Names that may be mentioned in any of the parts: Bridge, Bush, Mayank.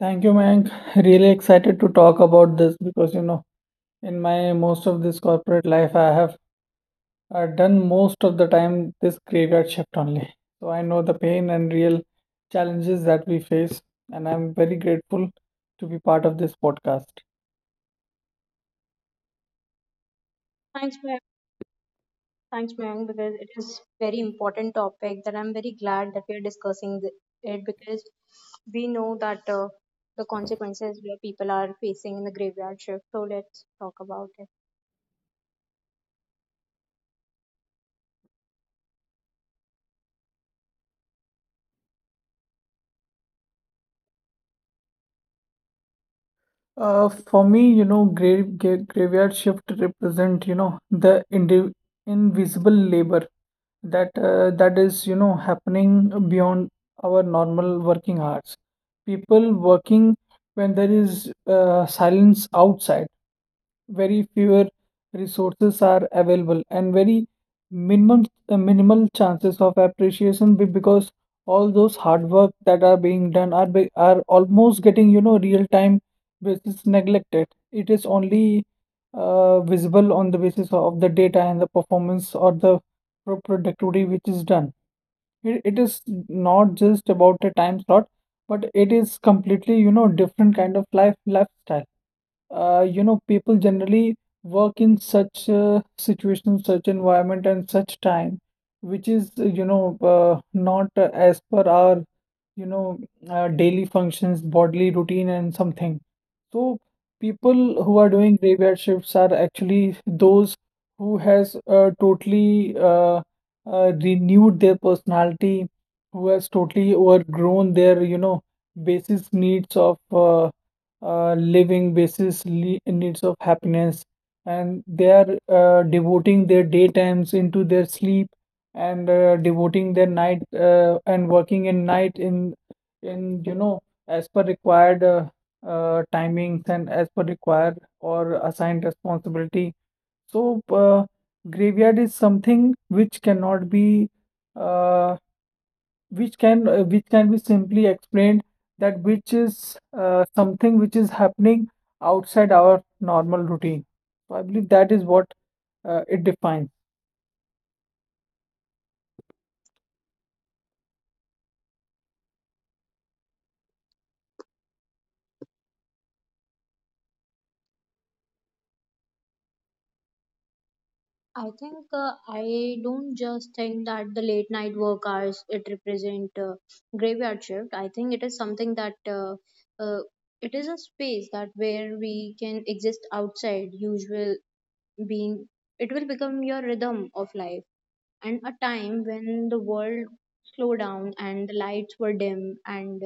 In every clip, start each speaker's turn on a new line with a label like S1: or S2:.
S1: Thank you, Mayank. Really excited to talk about this because you know, in my most of this corporate life, I have done most of the time this graveyard shift only. So I know the pain and real challenges that we face, and I'm very grateful to be part of this podcast.
S2: Thanks, Mayank. Thanks, Mayank, because it is very important topic that I'm very glad that we are discussing it, because we know that the consequences where people are facing in the graveyard shift. So let's talk about it.
S1: For me, you know, graveyard shift represent, you know, the indi invisible labor that that is, you know, happening beyond our normal working hours. People working when there is silence outside, very fewer resources are available and very minimum minimal chances of appreciation because all those hard work that are being done are are almost getting, you know, real time basis neglected. It is only visible on the basis of the data and the performance or the productivity which is done. It is not just about a time slot, but it is completely, you know, different kind of lifestyle. You know, people generally work in such situations, such environment, and such time, which is, you know, not as per our, you know, daily functions, bodily routine, and something. So people who are doing graveyard shifts are actually those who has totally renewed their personality, who has totally overgrown their, you know, basis needs of living, basis le needs of happiness, and they are devoting their daytimes into their sleep and devoting their night and working in night in, you know, as per required timings and as per required or assigned responsibility. So, graveyard is something which cannot be, uh, which can be simply explained that which is something which is happening outside our normal routine. So I believe that is what it defines.
S2: I think I don't just think that the late night work hours it represent graveyard shift. I think it is something that uh, it is a space that where we can exist outside usual being. It will become your rhythm of life and a time when the world slowed down and the lights were dim and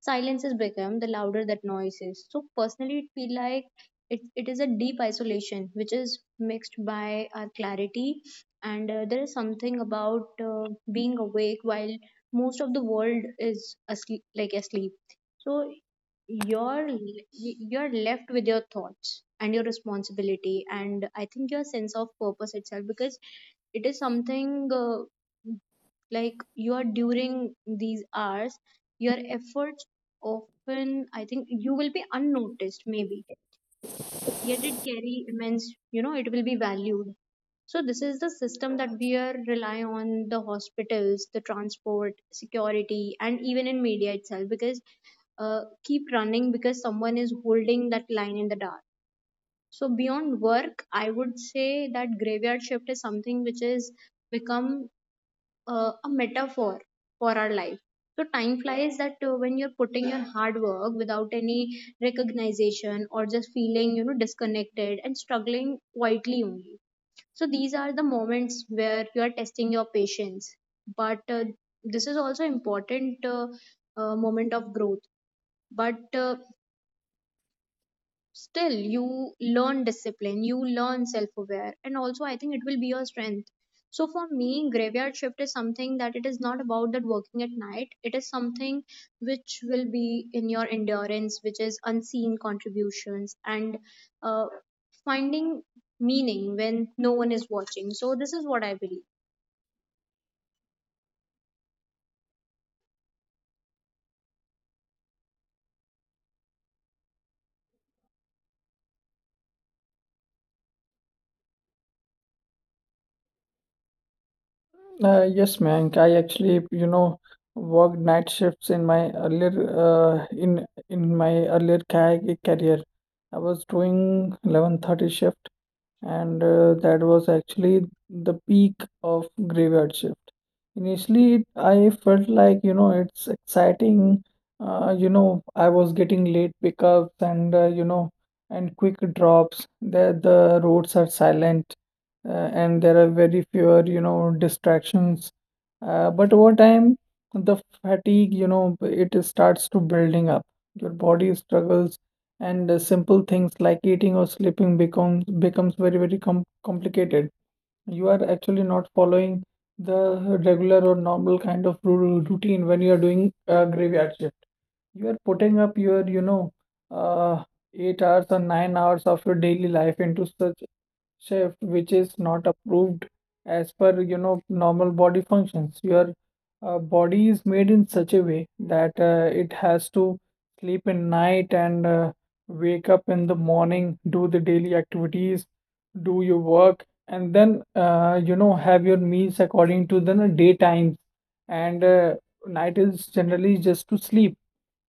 S2: silences became the louder that noises. So personally, it feel like it is a deep isolation which is mixed by our clarity, and there is something about being awake while most of the world is asleep, like asleep. So you're left with your thoughts and your responsibility, and I think your sense of purpose itself, because it is something like you are during these hours your efforts often I think you will be unnoticed maybe, yet it carry immense, it will be valued. So this is the system that we are rely on: the hospitals, the transport, security, and even in media itself, because keep running because someone is holding that line in the dark. So beyond work, I would say that graveyard shift is something which is become a metaphor for our life. So time flies that when you're putting your hard work without any recognition, or just feeling disconnected and struggling quietly only. So these are the moments where you are testing your patience. But this is also important moment of growth. But still, you learn discipline, you learn self-aware, and also I think it will be your strength. So for me, graveyard shift is something that it is not about that working at night. It is something which will be in your endurance, which is unseen contributions and uh, finding meaning when no one is watching. So this is what I believe.
S1: Yes, Mayank. I actually, you know, worked night shifts in my earlier in earlier ca- career. I was doing 11:30 shift, and that was actually the peak of graveyard shift. Initially, I felt like, you know, it's exciting. You know, I was getting late pickups and you know, and quick drops. The roads are silent and there are very fewer, you know, distractions. But over time, the fatigue, you know, it starts to building up. Your body struggles, and simple things like eating or sleeping becomes very, very complicated. You are actually not following the regular or normal kind of routine. When you are doing a graveyard shift, you are putting up your, you know, uh, 8 hours or 9 hours of your daily life into such shift, which is not approved as per, you know, normal body functions. Your body is made in such a way that it has to sleep in night and wake up in the morning, do the daily activities, do your work, and then you know, have your meals according to the day times, and night is generally just to sleep.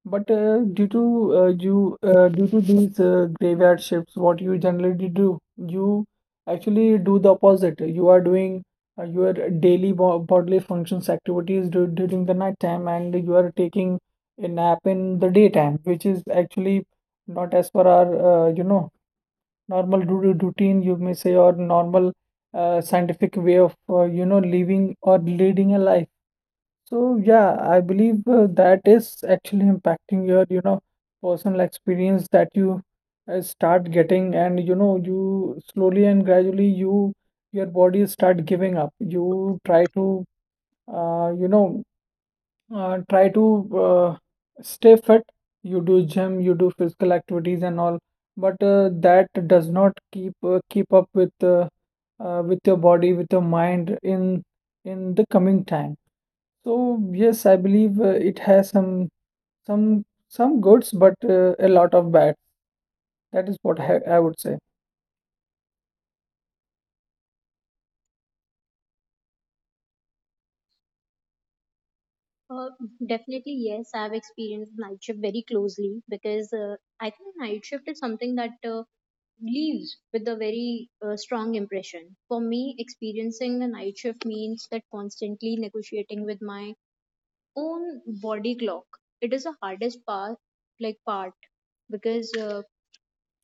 S1: But due to you due to these graveyard shifts, what you generally do, you actually do the opposite. You are doing your daily bo bodily functions activities during the night time, and you are taking a nap in the daytime, which is actually not as per our you know, normal routine, you may say, or normal scientific way of you know, living or leading a life. So yeah, I believe that is actually impacting your, you know, personal experience that you start getting, and you know, you slowly and gradually, your body start giving up. You try to, you know, try to stay fit. You do gym, you do physical activities and all, but that does not keep up with your body, with your mind in the coming time. So yes, I believe it has some goods, but a lot of bad. That is what I would say.
S2: Uh, Definitely, yes. I've experienced night shift very closely, because I think night shift is something that leaves with a very strong impression. For me, experiencing a night shift means that constantly negotiating with my own body clock. It is the hardest part, because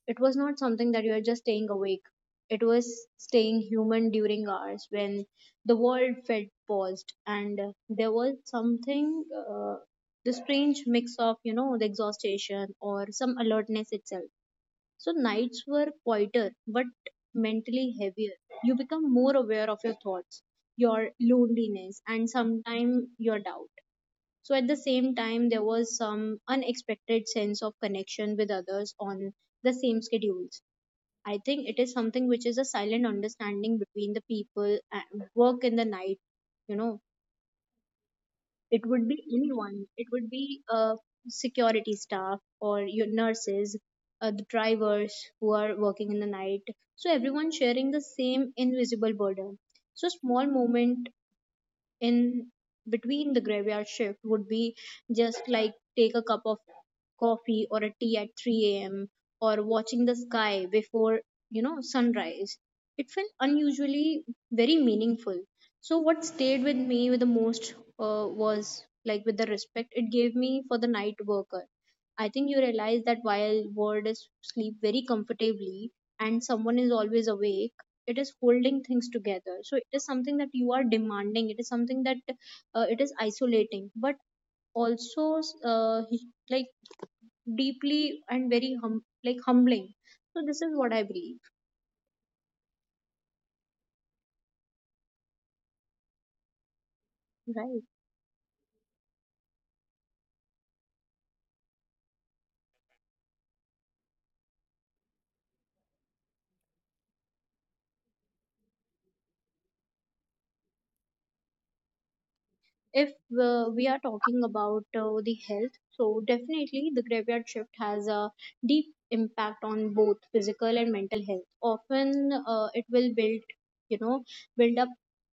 S2: it was not something that you are just staying awake. It was staying human during hours when the world felt paused, and there was something, the strange mix of, the exhaustion or some alertness itself. So nights were quieter, but mentally heavier. You become more aware of your thoughts, your loneliness, and sometimes your doubt. So at the same time, there was some unexpected sense of connection with others on the same schedules. I think it is something which is a silent understanding between the people and work in the night. You know, it would be anyone. It would be security staff or your nurses, the drivers who are working in the night. So everyone sharing the same invisible burden. So small moment in between the graveyard shift would be just like take a cup of coffee or a tea at 3 a.m. or watching the sky before sunrise. It felt unusually very meaningful. So what stayed with me with the most was like with the respect it gave me for the night worker. I think you realize that while world is sleep very comfortably and someone is always awake, it is holding things together. So it is something that you are demanding. It is something that it is isolating, but also uh, like deeply and very like humbling. So this is what I believe, right? If we are talking about the health, so definitely the graveyard shift has a deep impact on both physical and mental health. Often it will build you know build up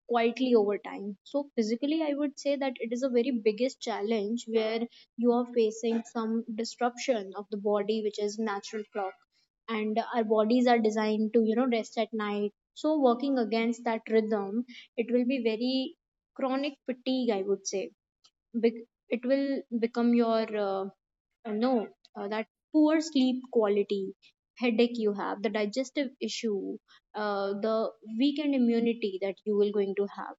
S2: quietly over time. So physically, I would say that it is a very biggest challenge, where you are facing some disruption of the body which is natural clock, and our bodies are designed to rest at night. So working against that rhythm, it will be very chronic fatigue, I would say. It will become your uh, no that poor sleep quality, headache you have, the digestive issue, the weakened immunity that you will going to have,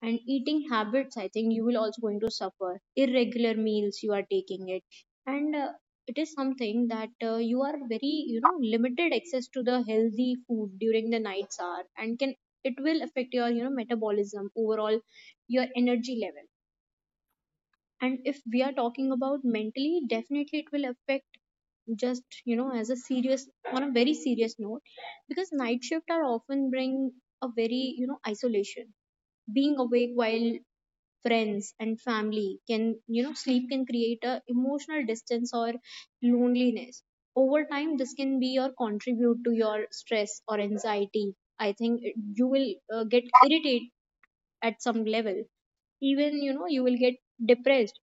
S2: and eating habits I think you will also going to suffer, irregular meals you are taking it, and it is something that you are very limited access to the healthy food during the night's hour, and can it will affect your metabolism, overall your energy level. And if we are talking about mentally, definitely it will affect just as a serious, on a very serious note, because night shift are often bring a very isolation. Being awake while friends and family can sleep, can create a emotional distance or loneliness over time. This can be or contribute to your stress or anxiety. I think you will get irritated at some level, even you will get depressed.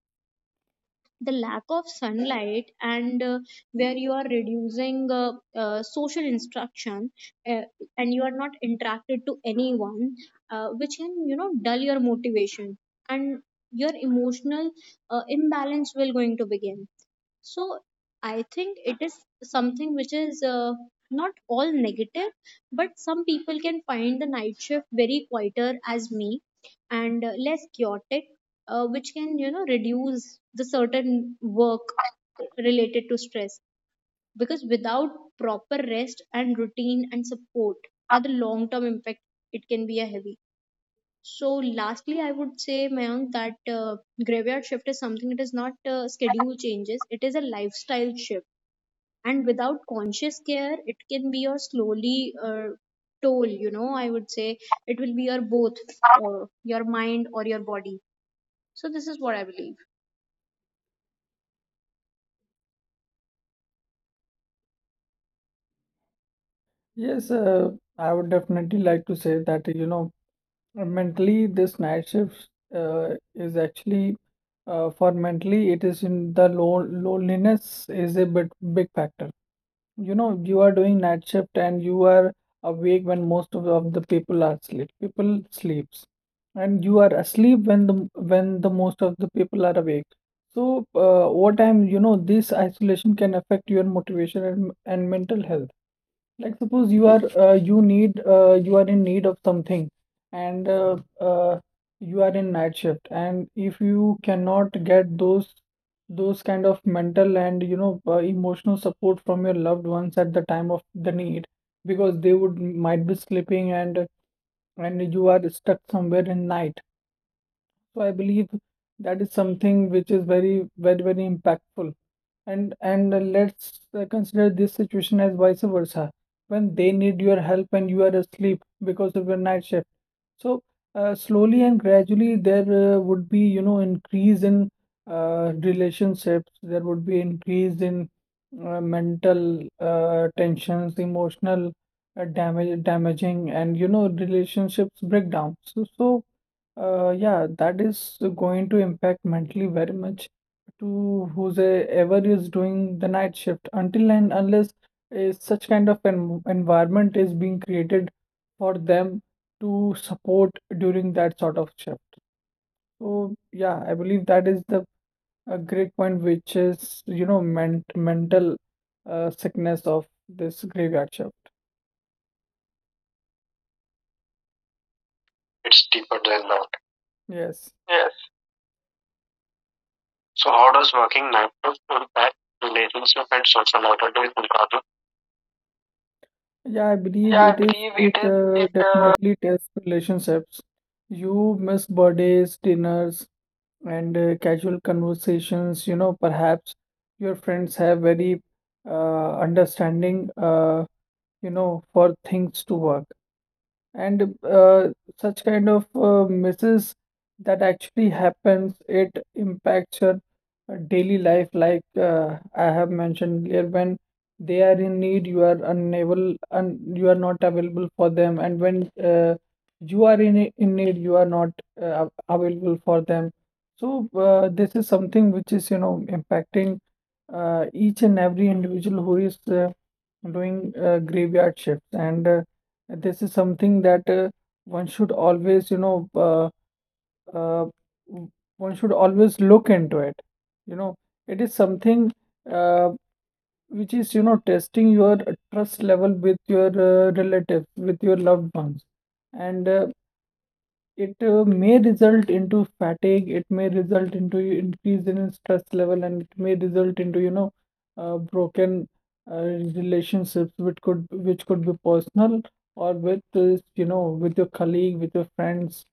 S2: The lack of sunlight, and where you are reducing social instruction, uh, and you are not interacted to anyone, which can dull your motivation, and your emotional imbalance will going to begin. So I think it is something which is not all negative, but some people can find the night shift very quieter as me and less chaotic, which can reduce the certain work related to stress, because without proper rest and routine and support are the long term impact, it can be a heavy. So lastly, I would say, Mayank, that graveyard shift is something, it is not schedule changes, it is a lifestyle shift. And without conscious care, it can be your slowly toll, I would say, it will be your both, your mind or your body. So this is what I believe.
S1: Yes, I would definitely like to say that, you know, mentally this night shift is actually for mentally it is in the lo loneliness is a bit big factor. You know, you are doing night shift and you are awake when most of the people are asleep. People sleeps, and you are asleep when the most of the people are awake. So, over time, you know, this isolation can affect your motivation and mental health. Like suppose you are you need you are in need of something, and you are in night shift, and if you cannot get those kind of mental and, you know, emotional support from your loved ones at the time of the need, because they would might be sleeping, and you are stuck somewhere in night. So I believe that is something which is very, very, very impactful. And let's consider this situation as vice versa. When they need your help and you are asleep because of your night shift. So slowly and gradually there would be, you know, increase in relationships. There would be increase in mental tensions, emotional damaging, and you know, relationships breakdown. So yeah, that is going to impact mentally very much to whoever is doing the night shift, until and unless is such kind of an environment is being created for them to support during that sort of shift. So yeah, I believe that is the a great point, which is, you know, mental sickness of this graveyard shift. Yes. Yeah, I believe it is. It definitely tests relationships. You miss birthdays, dinners, and casual conversations. You know, perhaps your friends have very understanding. You know, for things to work. And such kind of misses that actually happens, it impacts your daily life. Like I have mentioned earlier, when they are in need, you are unable and you are not available for them. And when you are in need, you are not uh, available for them. So this is something which is, you know, impacting each and every individual who is doing graveyard shifts. And this is something that one should always, you know, uh, w- one should always look into it. You know, it is something uh, which is, you know, testing your trust level with your relatives, with your loved ones. And it may result into fatigue, it may result into increase in stress level, and it may result into, you know, broken uh, relationships, which could be personal or with you know, with your colleague, with your friends,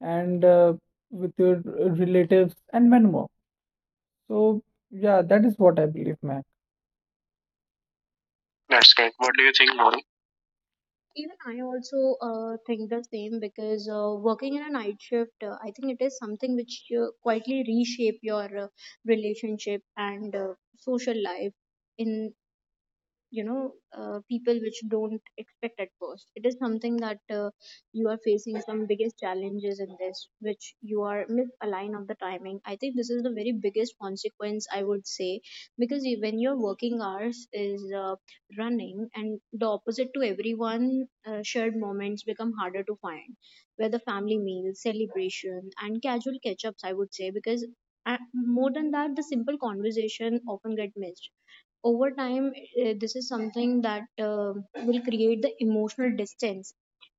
S1: and with your relatives and many more. So yeah, that is what I believe, Mayank.
S2: Even I also think the same, because working in a night shift, I think it is something which quietly reshape your relationship and social life in you know people which don't expect at first. It is something that you are facing some biggest challenges in this, which you are misaligned of the timing. I think this is the very biggest consequence, I would say, because you- when your working hours is running and the opposite to everyone, shared moments become harder to find, where the family meals, celebration, and casual catch ups, I would say, because uh, more than that, the simple conversation often get missed over time. This is something that will create the emotional distance,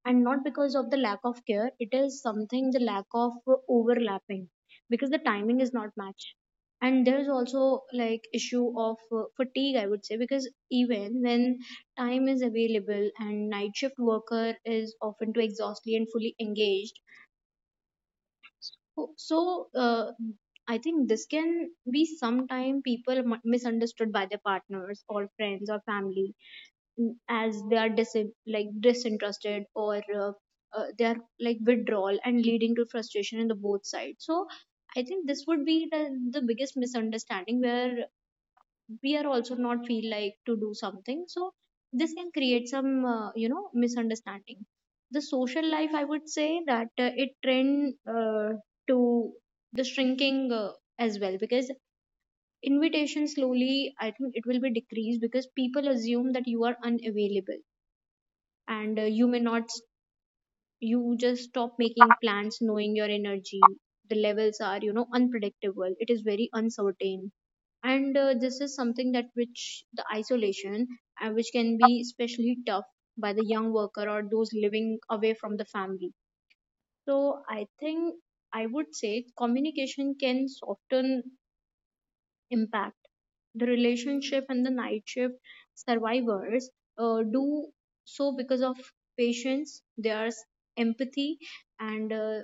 S2: and not because of the lack of care, it is something the lack of overlapping, because the timing is not matched. And there is also like issue of fatigue, I would say, because even when time is available and night shift worker is often too exhausted and fully engaged. So, I think this can be sometime people misunderstood by their partners or friends or family, as they are like disinterested, or they are like withdrawal and leading to frustration in the both sides. So, I think this would be the biggest misunderstanding where we are also not feel like to do something. So this can create some misunderstanding the social life, I would say that it trend to the shrinking as well, because invitation slowly, I think it will be decreased, because people assume that you are unavailable, and you may not you just stop making plans, knowing your energy the levels are unpredictable, it is very uncertain. And this is something that which the isolation, which can be especially tough by the young worker or those living away from the family. So I think, I would say, communication can soften impact the relationship, and the night shift survivors do so because of patience, there's empathy, and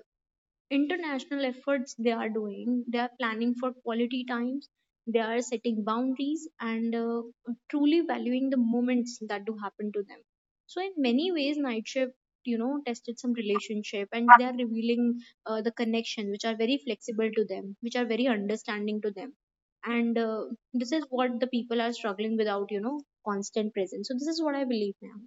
S2: international efforts they are doing, they are planning for quality times, they are setting boundaries, and truly valuing the moments that do happen to them. So in many ways, night shift tested some relationship, and they are revealing the connection which are very flexible to them, which are very understanding to them, and this is what the people are struggling without constant presence. So this is what I believe. Now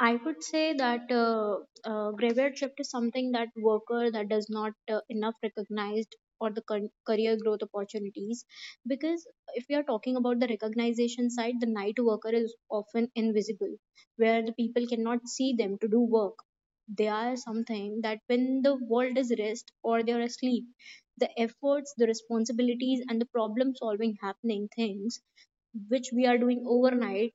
S2: I would say that graveyard shift is something that worker that does not enough recognized or the career growth opportunities. Because if we are talking about the recognition side, the night worker is often invisible, where the people cannot see them to do work. They are something that when the world is rest or they are asleep, the efforts, the responsibilities, and the problem solving happening things which we are doing overnight,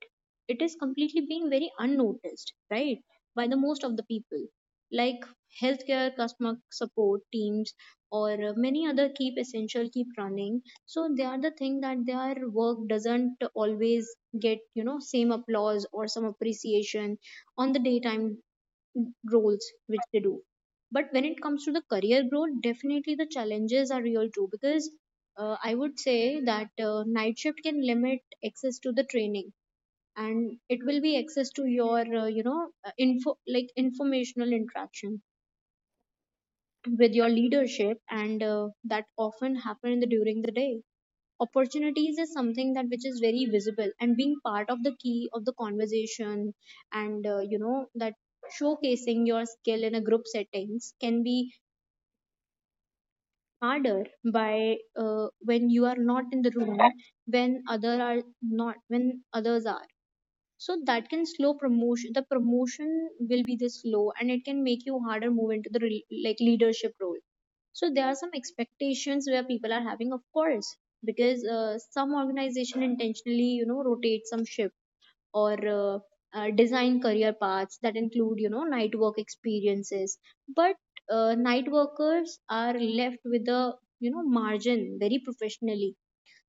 S2: it is completely being very unnoticed, right, by the most of the people, like healthcare, customer support teams, or many other keep essential keep running. So they are the thing that their work doesn't always get same applause or some appreciation on the daytime roles which they do. But when it comes to the career growth, definitely the challenges are real too, because I would say that night shift can limit access to the training, and it will be access to your info like informational interaction with your leadership, and that often happen in the during the day. Opportunities is something that which is very visible and being part of the key of the conversation, and that showcasing your skill in a group settings can be harder by when you are not in the room, when other are not, when others are. So that can slow promotion, the promotion will be this slow, and it can make you harder move into the like leadership role. So there are some expectations where people are having, of course, because some organization intentionally rotate some shift, or design career paths that include night work experiences, but night workers are left with a margin very professionally.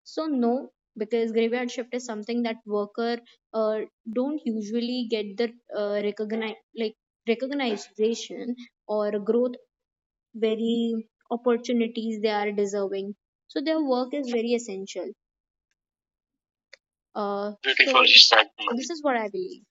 S2: So no, because graveyard shift is something that worker uh, don't usually get the recognize like recognition or growth very opportunities they are deserving. So their work is very essential. Uh, so this is what I believe.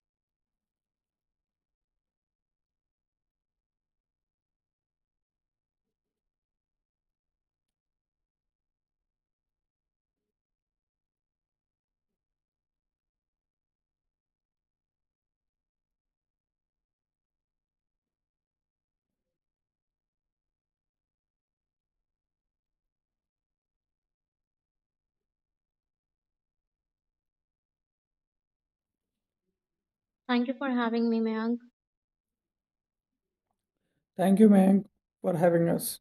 S2: Thank you for having me, Mayank.
S1: Thank you, Mayank, for having us.